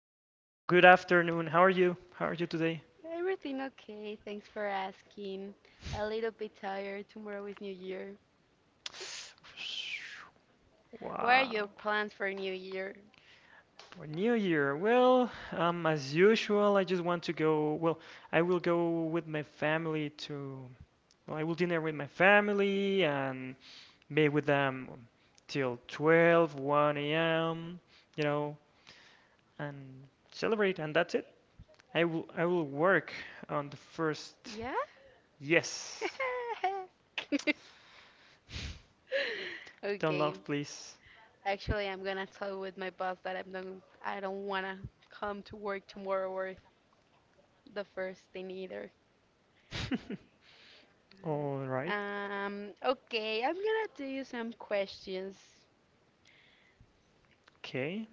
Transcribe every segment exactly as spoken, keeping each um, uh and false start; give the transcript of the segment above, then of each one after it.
Danny. Good mo- good afternoon. How are you? How are you today? Everything okay? Thanks for asking. A little bit tired. Tomorrow is New Year. What are your Wow. plans for New Year? For New Year, well, um, as usual, I just want to go. Well, I will go with my family to. Well, I will dinner with my family and be with them till twelve a m, you know, and celebrate, and that's it. I will I will work on the first. Yeah? Yes. Don't Okay. laugh, please. Actually, I'm gonna talk with my boss that I'm not, I don't wanna come to work tomorrow or the first thing either. All right. Um, okay, I'm gonna do you some questions. Okay.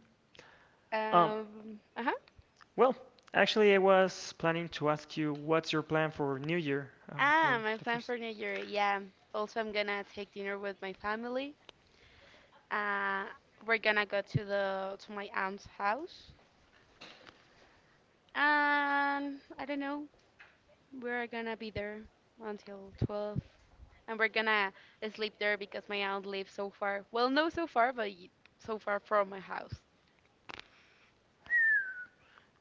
Um, Um, uh-huh. well, actually, I was planning to ask you what's your plan for New Year, um, Ah, for my the plan first. for New Year. Yeah. Also, I'm gonna take dinner with my family. Uh, we're gonna go to the to my aunt's house, and I don't know. We're gonna be there until twelve, and we're gonna sleep there because my aunt lives so far. Well, no, so far, but y- so far from my house.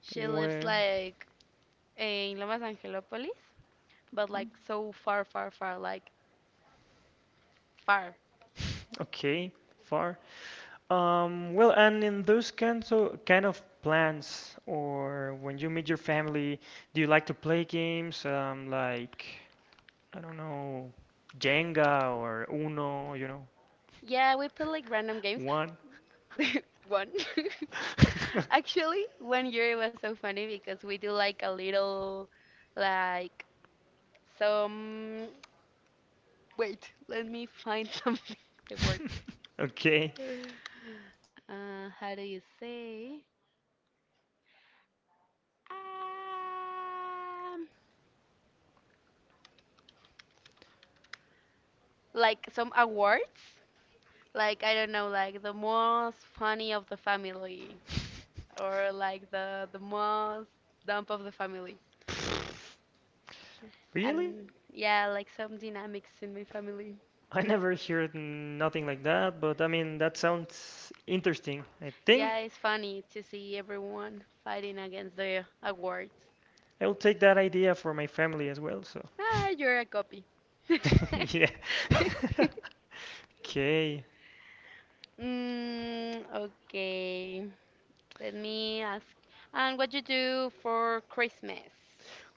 She lives Well, like in Lomas Angelopolis, but hmm, like so far, far, far, like far. okay, far. Um, well, and in those kinds of kind of plans, or when you meet your family, do you like to play games, um, like I don't know, Jenga or Uno, you know, Yeah, we play like random games. one? One. Actually, one year it was so funny because we do like a little, like some. Wait, let me find something to work Okay. with. Uh, how do you say? Um, like some awards. Like I don't know, like the most funny of the family, or like the the most dump of the family. Really? And yeah, like some dynamics in my family. I never heard nothing like that, but I mean, that sounds interesting. I think Yeah, it's funny to see everyone fighting against the awards. I will take that idea for my family as well, so. Ah, you're a copy. Yeah. Okay. mm, okay. Let me ask. And what you do for Christmas?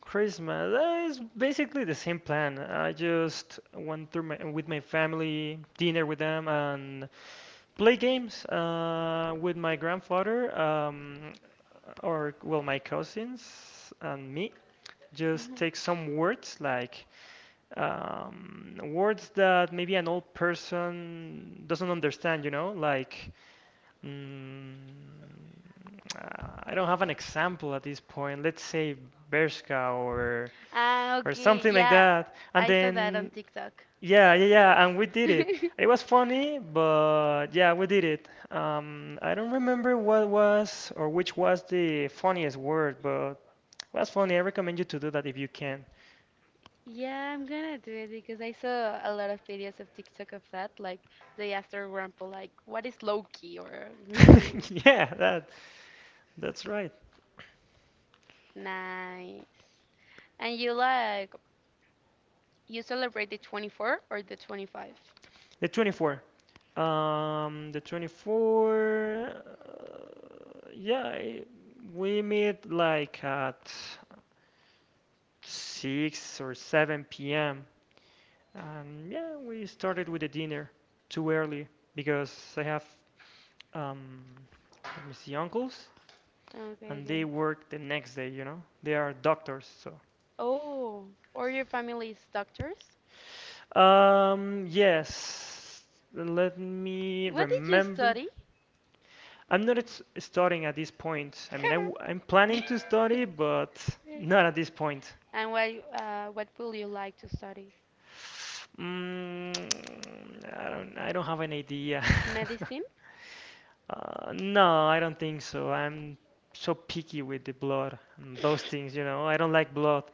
Christmas, that is basically the same plan. I just went through my, with my family, dinner with them, and play games uh, with my grandfather, um, or well, my cousins and me. Just Mhm. take some words like um, words that maybe an old person doesn't understand, you know, like mm, uh, I don't have an example at this point. Let's say Bershka or Ah, or okay. something like Yeah, that. And I saw that on then TikTok. yeah, yeah, yeah, and we did it. It was funny, but yeah, we did it. Um, I don't remember what was or which was the funniest word, but it was funny. I recommend you to do that if you can. Yeah, I'm gonna do it because I saw a lot of videos of TikTok of that. Like they asked their grandpa, like, "What is Loki?" or Yeah, that that's right. nice. And you like you celebrate the twenty-fourth or the twenty-fifth? The twenty-fourth. Um, the twenty-fourth. Uh, yeah, I- we meet like at six or seven p m. And yeah, we started with the dinner too early because I have, um, let me see, uncles Okay, and they okay. work the next day, you know? They are doctors, so. Oh, or your family's doctors? Um, yes. Let me What did you remember. study? I'm not s- studying at this point. I mean, I, am planning to study, but not at this point. And what uh, what will you like to study? Mm, I don't. I don't have an idea. Medicine? Uh, no, I don't think so. I'm so picky with the blood and those things. You know, I don't like blood.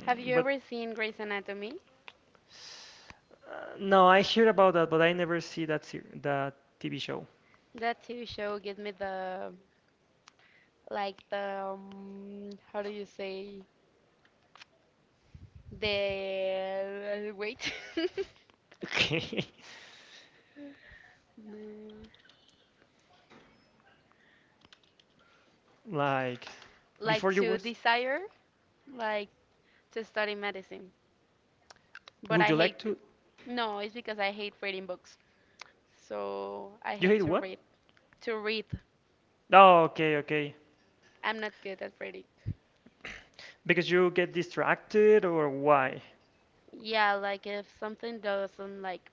Have you But ever seen Grey's Anatomy? uh, no, I hear about that, but I never see that ser that T V show. That T V show gives me the like the um, how do you say the wait The- Okay, like like before you to was. desire like to study medicine, but Would I you like hate to, to? no, it's because I hate reading books. So I You hate hate to what? read. To read, Oh, okay, okay. I'm not good at reading. Because you get distracted or why? Yeah, like if something doesn't like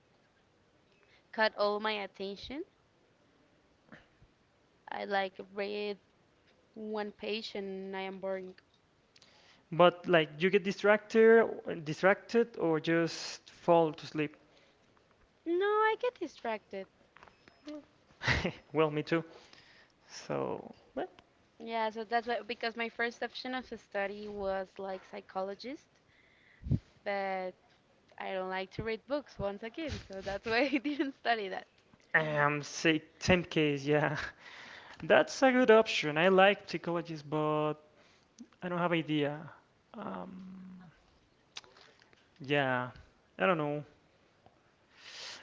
cut all my attention, I like read one page and I am boring. But like you get distracted, distracted or just fall to sleep. No, I get distracted. Well, me too. So, but Yeah, so that's why because my first option of study was like psychologist, but I don't like to read books once again, so that's why I didn't study that. um, say same case, yeah. That's a good option. I like psychologists, but I don't have idea. Um, yeah, I don't know.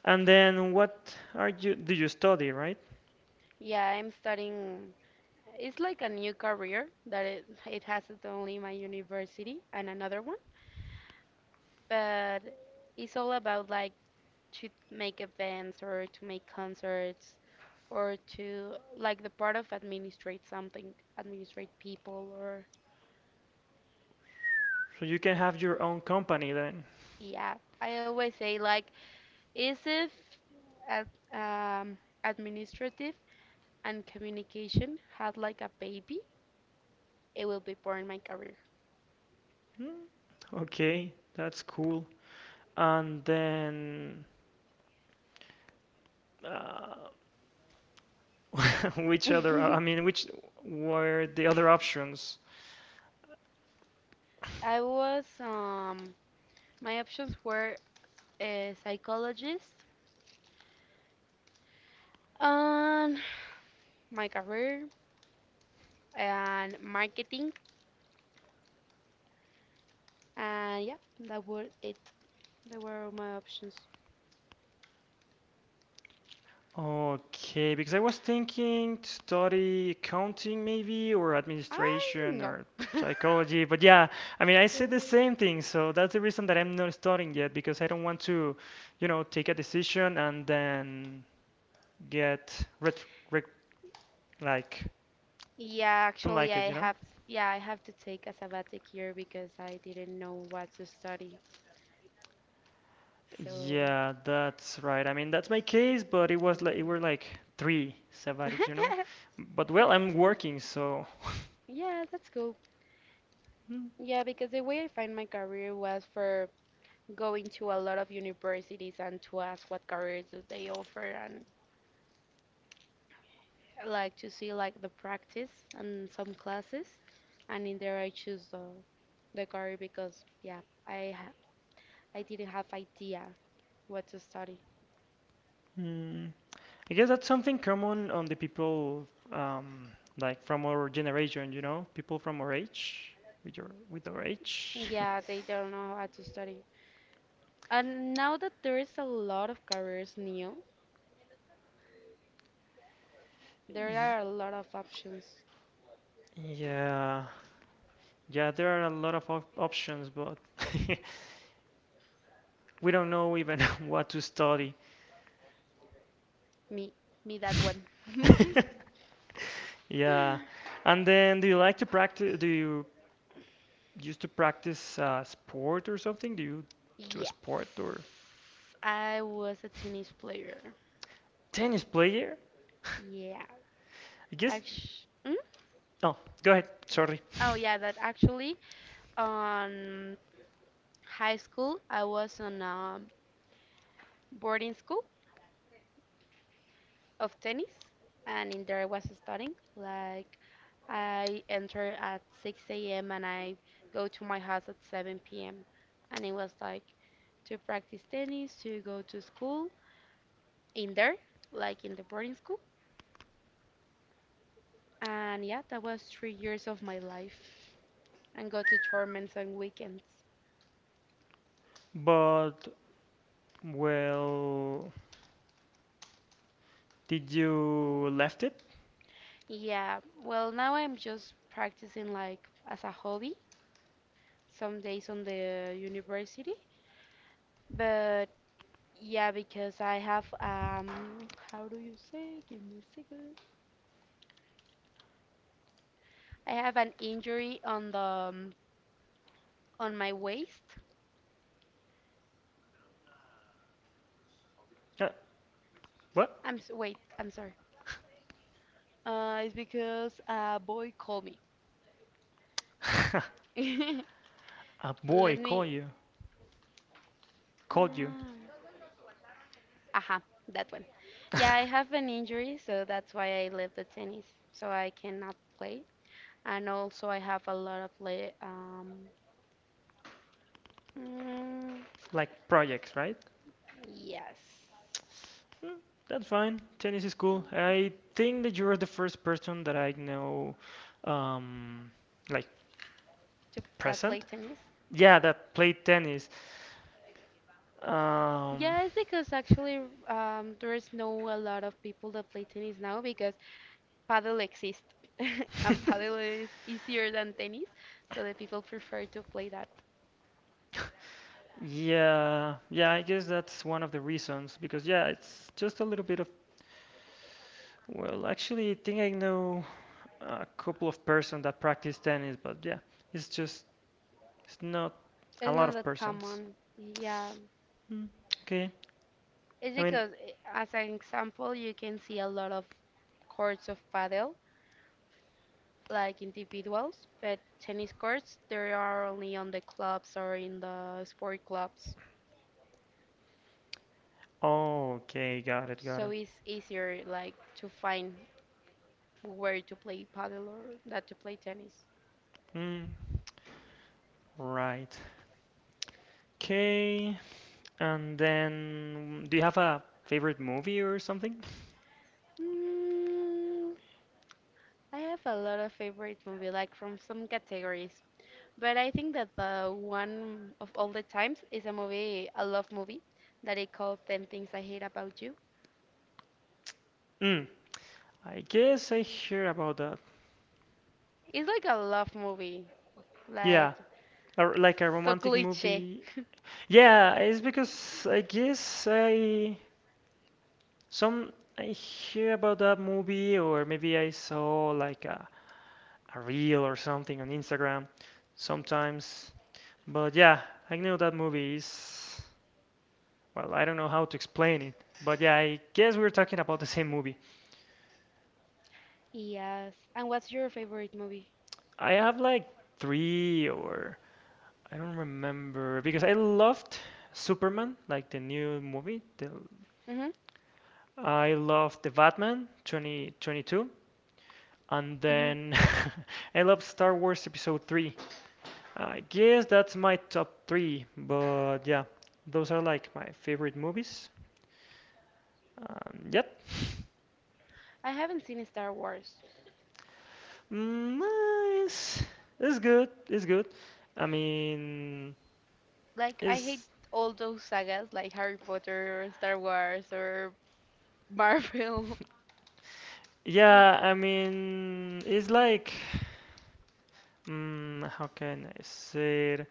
And then what are you? Do you study, right? Yeah, I'm studying. It's like a new career that it, it has it only my university and another one, but it's all about like to make events or to make concerts or to like the part of administrate something, administrate people or So you can have your own company then. yeah. I always say like is if ad, um, administrative and communication had like a baby, it will be born my career. Hmm, okay, that's cool. And then. Uh, Which other, I mean, which were the other options? I was um my options were a psychologist, and my career and marketing. And yeah, that were it. That were all my options. Okay, because I was thinking to study accounting maybe or I administration know. or psychology, but yeah, I mean, I said the same thing, so that's the reason that I'm not studying yet because I don't want to, you know, take a decision and then get ret- re- like Yeah, don't actually, like it, I you know? have yeah, I have to take a sabbatic year because I didn't know what to study. So, Yeah, that's right. I mean, that's my case, but it was like it mm, were like three sabbatics, you know. But well, I'm working, so yeah, that's cool. Yeah, because the way I find my career was for going to a lot of universities and to ask what careers do they offer and I like to see like the practice and some classes, and in there I choose the the career because yeah, I ha I didn't have idea what to study. Hmm. I guess that's something common on the people um, like from our generation, you know, people from our age, with your with our age. Yeah, they don't know how to study. And now that there is a lot of careers new, there Y- are a lot of options. Yeah, yeah, there are a lot of op options, but we don't know even what to study. Me, me that one. Yeah. And then do you like to practice? Do you used to practice uh, sport or something? Do you do a Yes, sport or I was a tennis player. tennis player? I Yeah, guess. actu- mm? Oh, go ahead. Sorry. Oh yeah, that actually on high school, I was on a boarding school of tennis, and in there I was studying. Like I enter at six a m and I go to my house at seven p m. And it was like to practice tennis, to go to school in there, like in the boarding school. And yeah, that was three years of my life, and go to tournaments on weekends. But well, did you left it? Yeah, well, now I'm just practicing like as a hobby, some days on the university. But yeah, because I have um how do you say? Give me a second. I have an injury on the um, on my waist. Uh, what? I'm s- wait, I'm sorry. Uh, it's because a boy called me. A boy Let me. call you called you Ah aha, that one. Yeah, I have an injury, so that's why I left the tennis, so I cannot play. And also, I have a lot of play. Um, mm, like projects, right? yes, Mm, that's fine. Tennis is cool. I think that you're the first person that I know, um, like to that play present. tennis. Yeah, that played tennis. Um, Yeah, it's because actually um, there's no a lot of people that play tennis now because paddle exists and paddle is easier than tennis, so the people prefer to play that. yeah, yeah, I guess that's one of the reasons because yeah, it's just a little bit of well, actually, I think I know a couple of persons that practice tennis, but yeah, it's just it's not It's a lot not of that persons. common. Yeah, Mm, okay, it's I mean, because eh, as an example, you can see a lot of courts of paddle like individuals, but tennis courts there are only on the clubs or in the sport clubs, okay, got it, got so it. it's easier like to find where to play paddle or that to play tennis? Mm, right. Okay, and then do you have a favorite movie or something? Mm, I have a lot of favorite movie, like from some categories, but I think that the one of all the times is a movie, a love movie, that I call Ten Things I Hate About You. Mm, I guess I hear about that. It's like a love movie, Yeah, like a r like a so romantic cliché. movie. Yeah, it's because I guess I some I hear about that movie or maybe I saw like a a reel or something on Instagram sometimes. But yeah, I know that movie is well, I don't know how to explain it. But yeah, I guess we're talking about the same movie. Yes. And what's your favorite movie? I have like three or I don't remember because I loved Superman, like the new movie. The, Mhm. I loved the Batman twenty twenty-two, and Mhm. then I loved Star Wars Episode three. I guess that's my top three, but yeah, those are like my favorite movies. Um, yep, I haven't seen Star Wars. mm, uh, it's, it's good. It's good. I mean, Like I hate it's all those sagas, like Harry Potter or Star Wars or Marvel. yeah. I mean, it's like. Mm, how can I say it?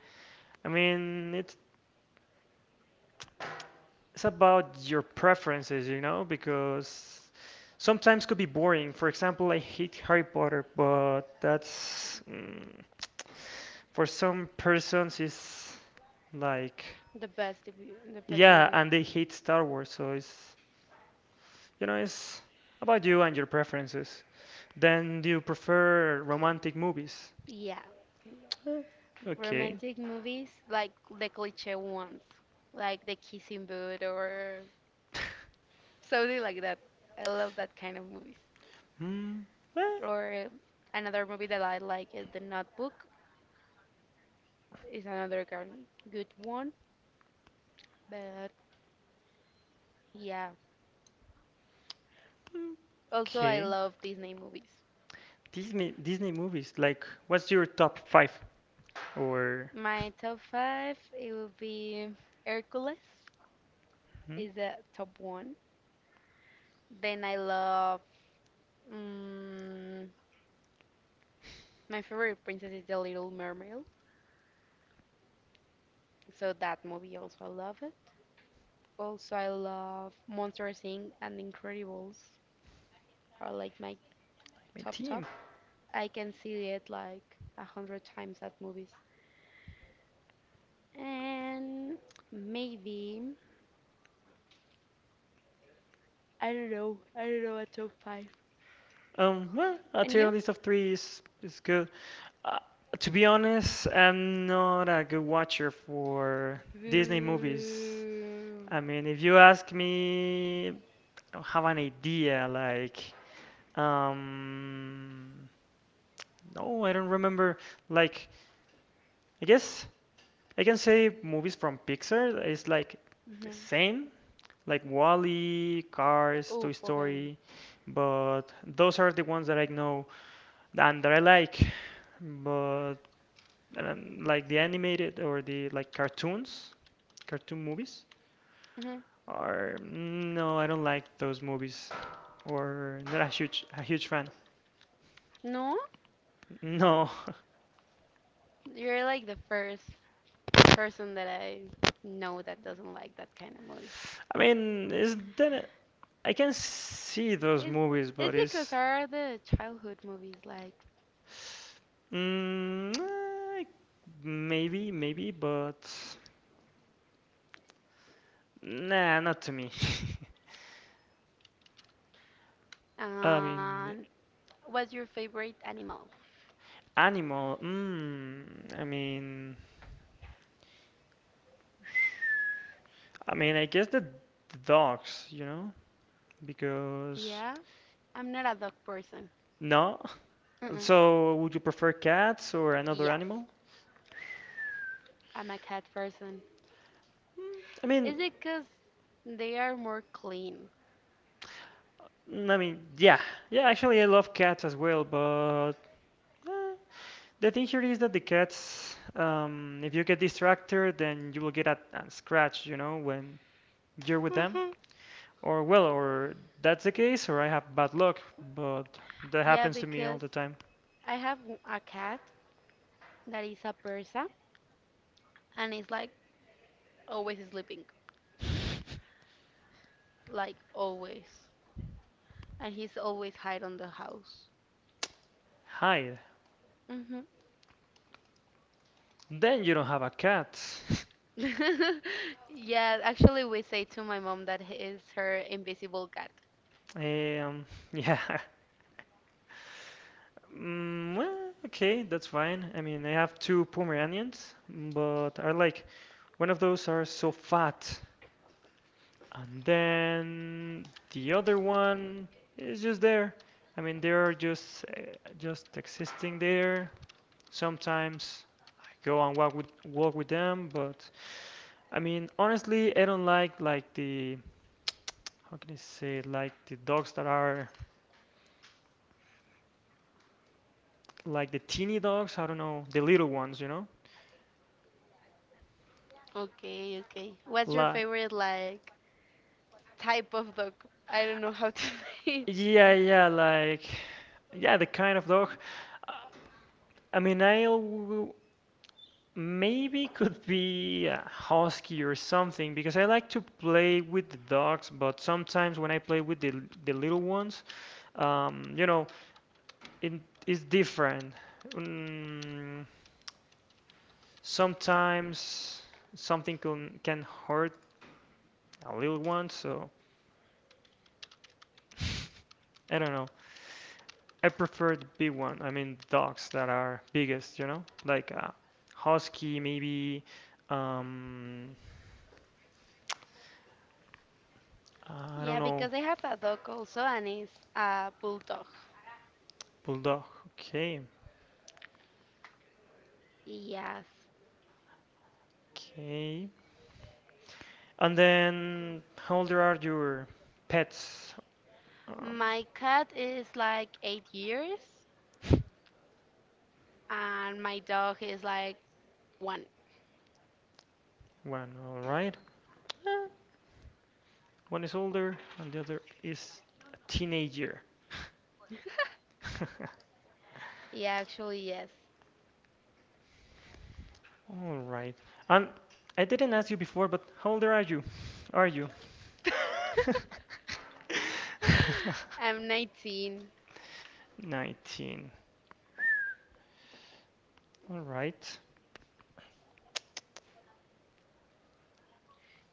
I mean, it's, it's about your preferences, you know, because sometimes could be boring. For example, I hate Harry Potter, but that's mm, for some persons is like The best, debut- the best yeah, movie. and they hate Star Wars, so it's you know, it's about you and your preferences. Then do you prefer romantic movies? Yeah. Eh, Okay. Romantic movies, like the cliche ones, like The Kissing Booth or something like that. I love that kind of movies. Hmm. eh, Or another movie that I like is The Notebook. Is another gar- good one, but yeah. mm, Also, I okay. love Disney movies. Disney Disney movies. Like, what's your top five or My top five, it will be Hercules hmm, is the top one. Then I love. mm, My favorite princess is The Little Mermaid, so that movie also I love it. Also, I love Monster Inc and Incredibles are like my like, my top team? top. I can see it like a hundred times at movies. And maybe I don't know. I don't know a top five. Um, well, a And tier you? list of three is is good. Uh, to be honest, I'm not a good watcher for Disney movies. I Boo. mean, if you ask me, I don't have an idea. Like, um, no, I don't remember. Like. I guess I can say movies from Pixar is like the Hmm. same, like Wall-E, Cars, Toy Oh, okay. Story, but those are the ones that I know and that I like. But um, like the animated or the like cartoons, cartoon movies hmm are no, I don't like those movies or not a huge a huge fan. No, No. you're like the first person that I know that doesn't like that kind of movies. I mean, it's then I can see those Is movies, is but because it's are the childhood movies like. Mm, eh, maybe, maybe, but nah, not to me. I mean, um what's your favorite animal? animal. Mm, I mean, I mean, I guess the, the dogs, you know, because Yeah, I'm not a dog person. no. Mm-mm. So, would you prefer cats or another Yes, animal? I'm a cat person. Mm, I mean, Is it because they are more clean? I mean, yeah, yeah. Actually, I love cats as well, but eh, the thing here is that the cats, um, if you get distracted, then you will get a, a scratch, you know, when you're with them. Hmm. Or, well, or that's the case, or I have bad luck, but that Yeah, happens to me all because the time. I have w- a cat that is a Persa and is like always sleeping, like always, and he's always hide on the house. Hide. Then you don't have a cat. Yeah, actually, we say to my mom that he is her invisible cat. Um, yeah. Mm, well, okay, that's fine. I mean, I have two Pomeranians, but I like one of those are so fat. And then the other one is just there. I mean, they are just uh, just existing there. Sometimes I go and walk with walk with them, but I mean, honestly, I don't like like the how can I say it? Like the dogs that are like the teeny dogs. I don't know the little ones, you know? Okay, okay. What's your Like favorite like type of dog? I don't know how to say it. yeah, yeah, like yeah, the kind of dog. Uh, I mean, I al- maybe could be a husky or something because I like to play with the dogs, but sometimes when I play with the the little ones, um, you know, it is different. Mm, sometimes something can can hurt a little one, so I don't know. I prefer the big one. I mean, dogs that are biggest, you know, like a husky, maybe. Um, I don't Yeah, know. because I have a dog also, and it's a bulldog. Bulldog. Okay. Yes. Okay. And then how old are your pets? Um, My cat is like eight years, and my dog is like one. One, all right. One is older and the other is a teenager. Yeah, actually, yes. All right. And I didn't ask you before, but how old are you? Are you? I'm nineteen. nineteen. All right.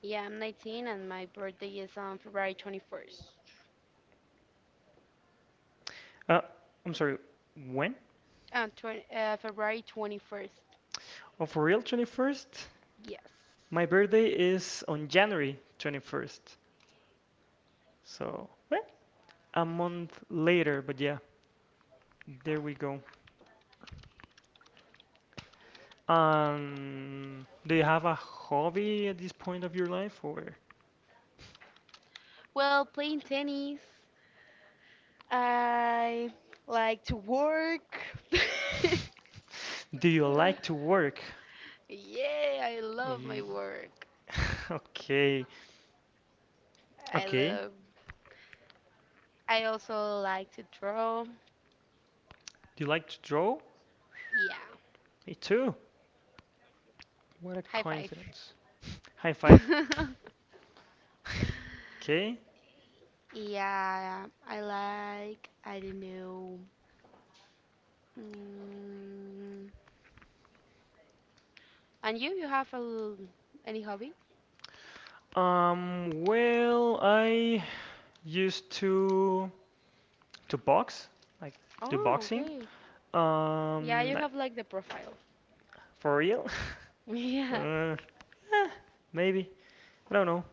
Yeah, I'm nineteen and my birthday is on February twenty-first. Uh, I'm sorry. When? Uh, twen, uh, February twenty-first. Oh, for real, twenty-first? Yes. My birthday is on January twenty-first. So, well, a month later, but yeah, there we go. Um, do you have a hobby at this point of your life, or Well, playing tennis. I like to work. do you like to work? Yeah, I love my Y- work. Okay, I okay. love. I also like to draw. Do you like to draw? Yeah. Me too. What a High five. coincidence. High five. Okay. Yeah, I like. I don't know. Mm, And you, you have a l- any hobby? Um, well, I used to to box, like do Oh, boxing. okay. Yeah, you Um, I have like the profile. For real? Yeah. Uh, eh, Maybe. I don't know.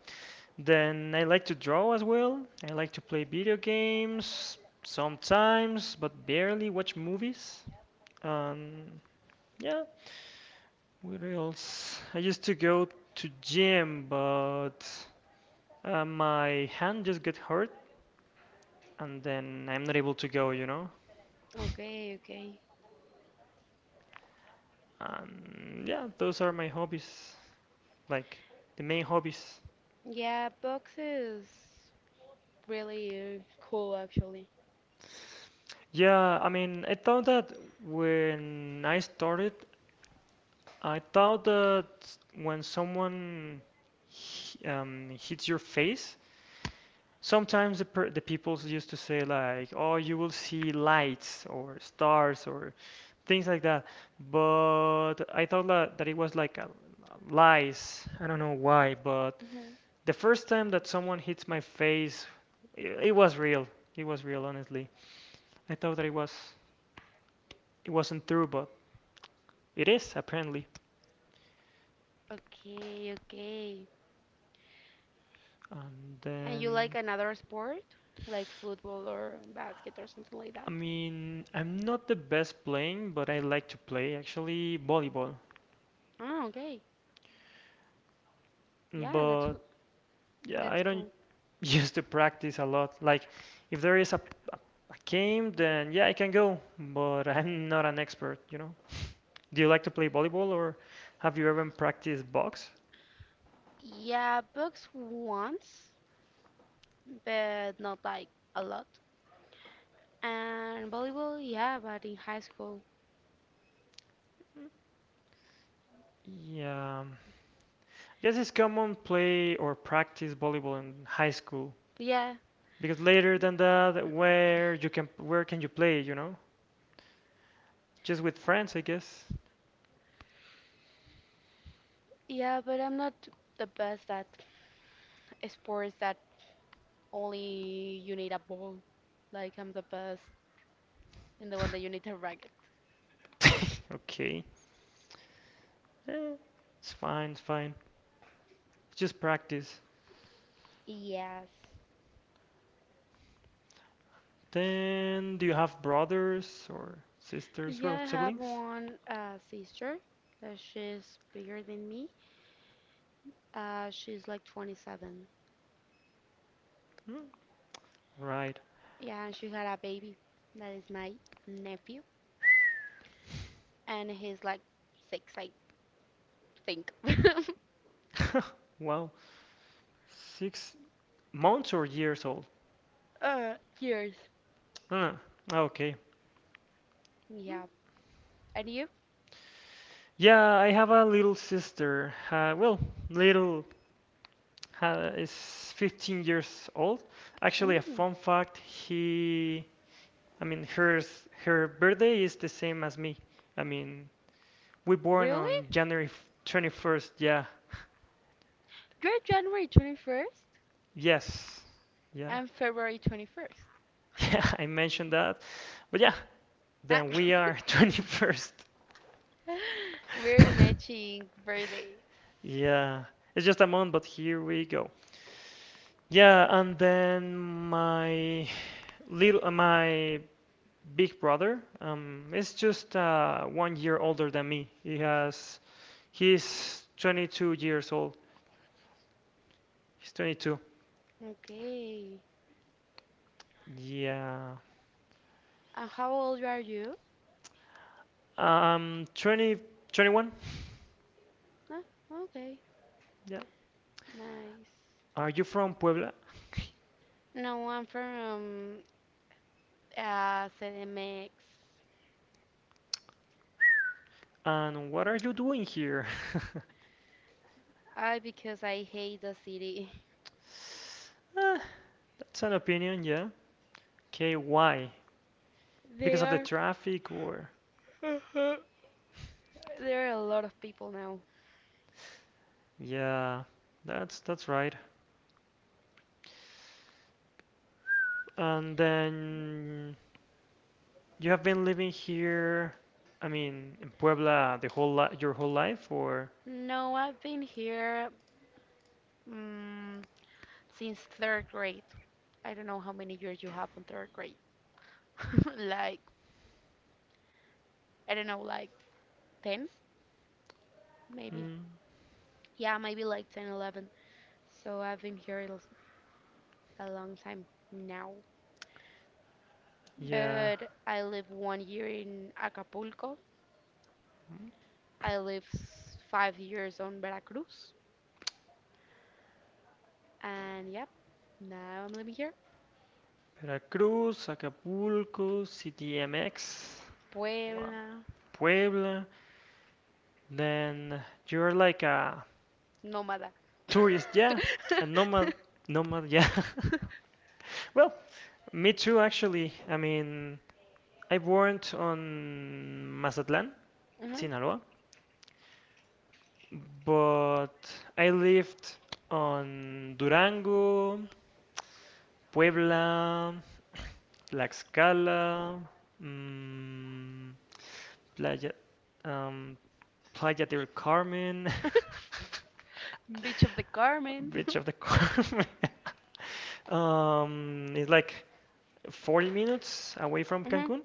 Then I like to draw as well. I like to play video games sometimes, but barely watch movies. Um, yeah, what else? I used to go to gym, but uh, my hand just got hurt, and then I'm not able to go, you know? Okay, okay. And yeah, those are my hobbies, like the main hobbies. Yeah, books is really uh, cool actually. Yeah, I mean, I thought that when I started, I thought that when someone h- um, hits your face, sometimes the per the people used to say like, "Oh, you will see lights or stars or things like that." But I thought that, that it was like a lies. I don't know why, but hmm the first time that someone hits my face, it, it was real. It was real, honestly. I thought that it was. It wasn't true, but it is apparently. Okay, okay. And And you like then, another sport, like football or basket or something like that? I mean, I'm not the best playing, but I like to play actually volleyball. Oh, okay. Yeah, that's But w- yeah, that's I don't cool. used to practice a lot. Like, if there is a a game, then yeah, I can go, but I'm not an expert, you know. Do you like to play volleyball, or have you ever practiced box? Yeah, books once, but not like a lot. And volleyball, yeah, but in high school. Yeah, I guess it's common play or practice volleyball in high school. Yeah, Because later than that, where you can where can you play, you know? Just with friends, I guess. yeah, but I'm not the best at sports that only you need a ball. Like I'm the best in the one that you need a racket. Okay. Eh, it's fine, it's fine. It's just practice. Yes. Then, do you have brothers or sisters, Yeah, well, I have siblings? one uh, sister that she's bigger than me. Uh, she's like twenty-seven. Hmm? Right. Yeah, and she had a baby that is my nephew, and he's like six, I think. Wow. Six months or years old? uh, years. Ah, okay. Hmm. Yeah. And you? Yeah, I have a little sister. Uh, well, little. Ha is fifteen years old. Actually, a Mm, fun fact, he, I mean, hers, her birthday is the same as me. I mean, we born really? on January twenty-first. Yeah. You're January twenty-first? Yes. Yeah. And February twenty-first. Yeah, I mentioned that. But yeah, then we are twenty-first. We're matching birthdays. Yeah. It's just a month, but here we go. Yeah, and then my little uh, my big brother. Um, is just uh, one year older than me. He has, he's twenty-two years old. He's twenty-two. Okay. Yeah. And how old are you? Um, twenty, twenty-one. Ah, okay. Yeah. Nice. Are you from Puebla? No, I'm from uh, C D M X. And what are you doing here? I Because I hate the city. Eh, that's an opinion, yeah. Okay, why? Because of the There, traffic or? there are a lot of people now. Yeah, that's that's right. And then you have been living here, I mean, in Puebla the whole li your whole life, or? No, I've been here um, since third grade. I don't know how many years you have on third grade. Like I don't know, like ten maybe. Mm, Yeah, maybe like ten, eleven. So I've been here a l- a long time now. yeah. But I live one year in Acapulco. Mm, I live s- five years on Veracruz. And yep, now I'm living here. Veracruz, Acapulco, C D M X, Puebla, Puebla. Then you're like a nómada. tourist, yeah, a nomad, nomad, yeah. Well, me too, actually. I mean, I born on Mazatlan, Mhm. Sinaloa, but I lived on Durango, Puebla, Tlaxcala, mm, Playa, um, Playa del Carmen, Beach of the Carmen. Beach of the Carmen. Um, it's like forty minutes away from Mhm. Cancun.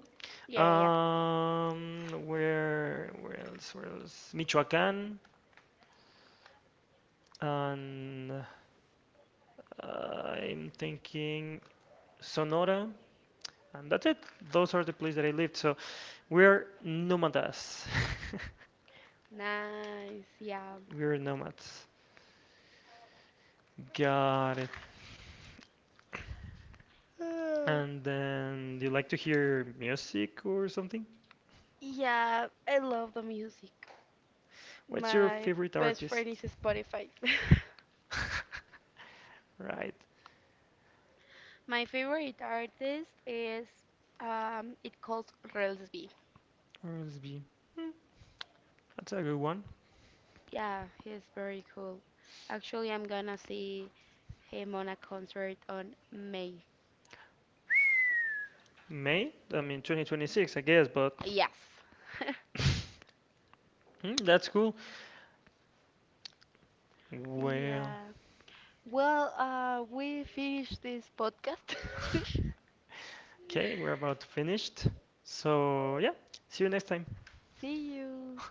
Yeah, yeah. Yeah. Um, where where else? Where else? Michoacán, and uh, I'm thinking Sonora. And that's it. Those are the places that I lived. So we're nomadas. Nice. We're nomads. Got it. Yeah. And then, do you like to hear music or something? Yeah, I love the music. What's your My favorite best artist? friend is Spotify. Right. My favorite artist is um it calls Relsby. R S B. Hmm, that's a good one. Yeah, he's very cool. Actually, I'm gonna see him on a concert on May. May? I mean, twenty twenty-six, I guess, but Yes. hmm, that's cool. Well, Yeah. Well, uh we finished this podcast. okay, we're about finished. So, yeah, see you next time. See you.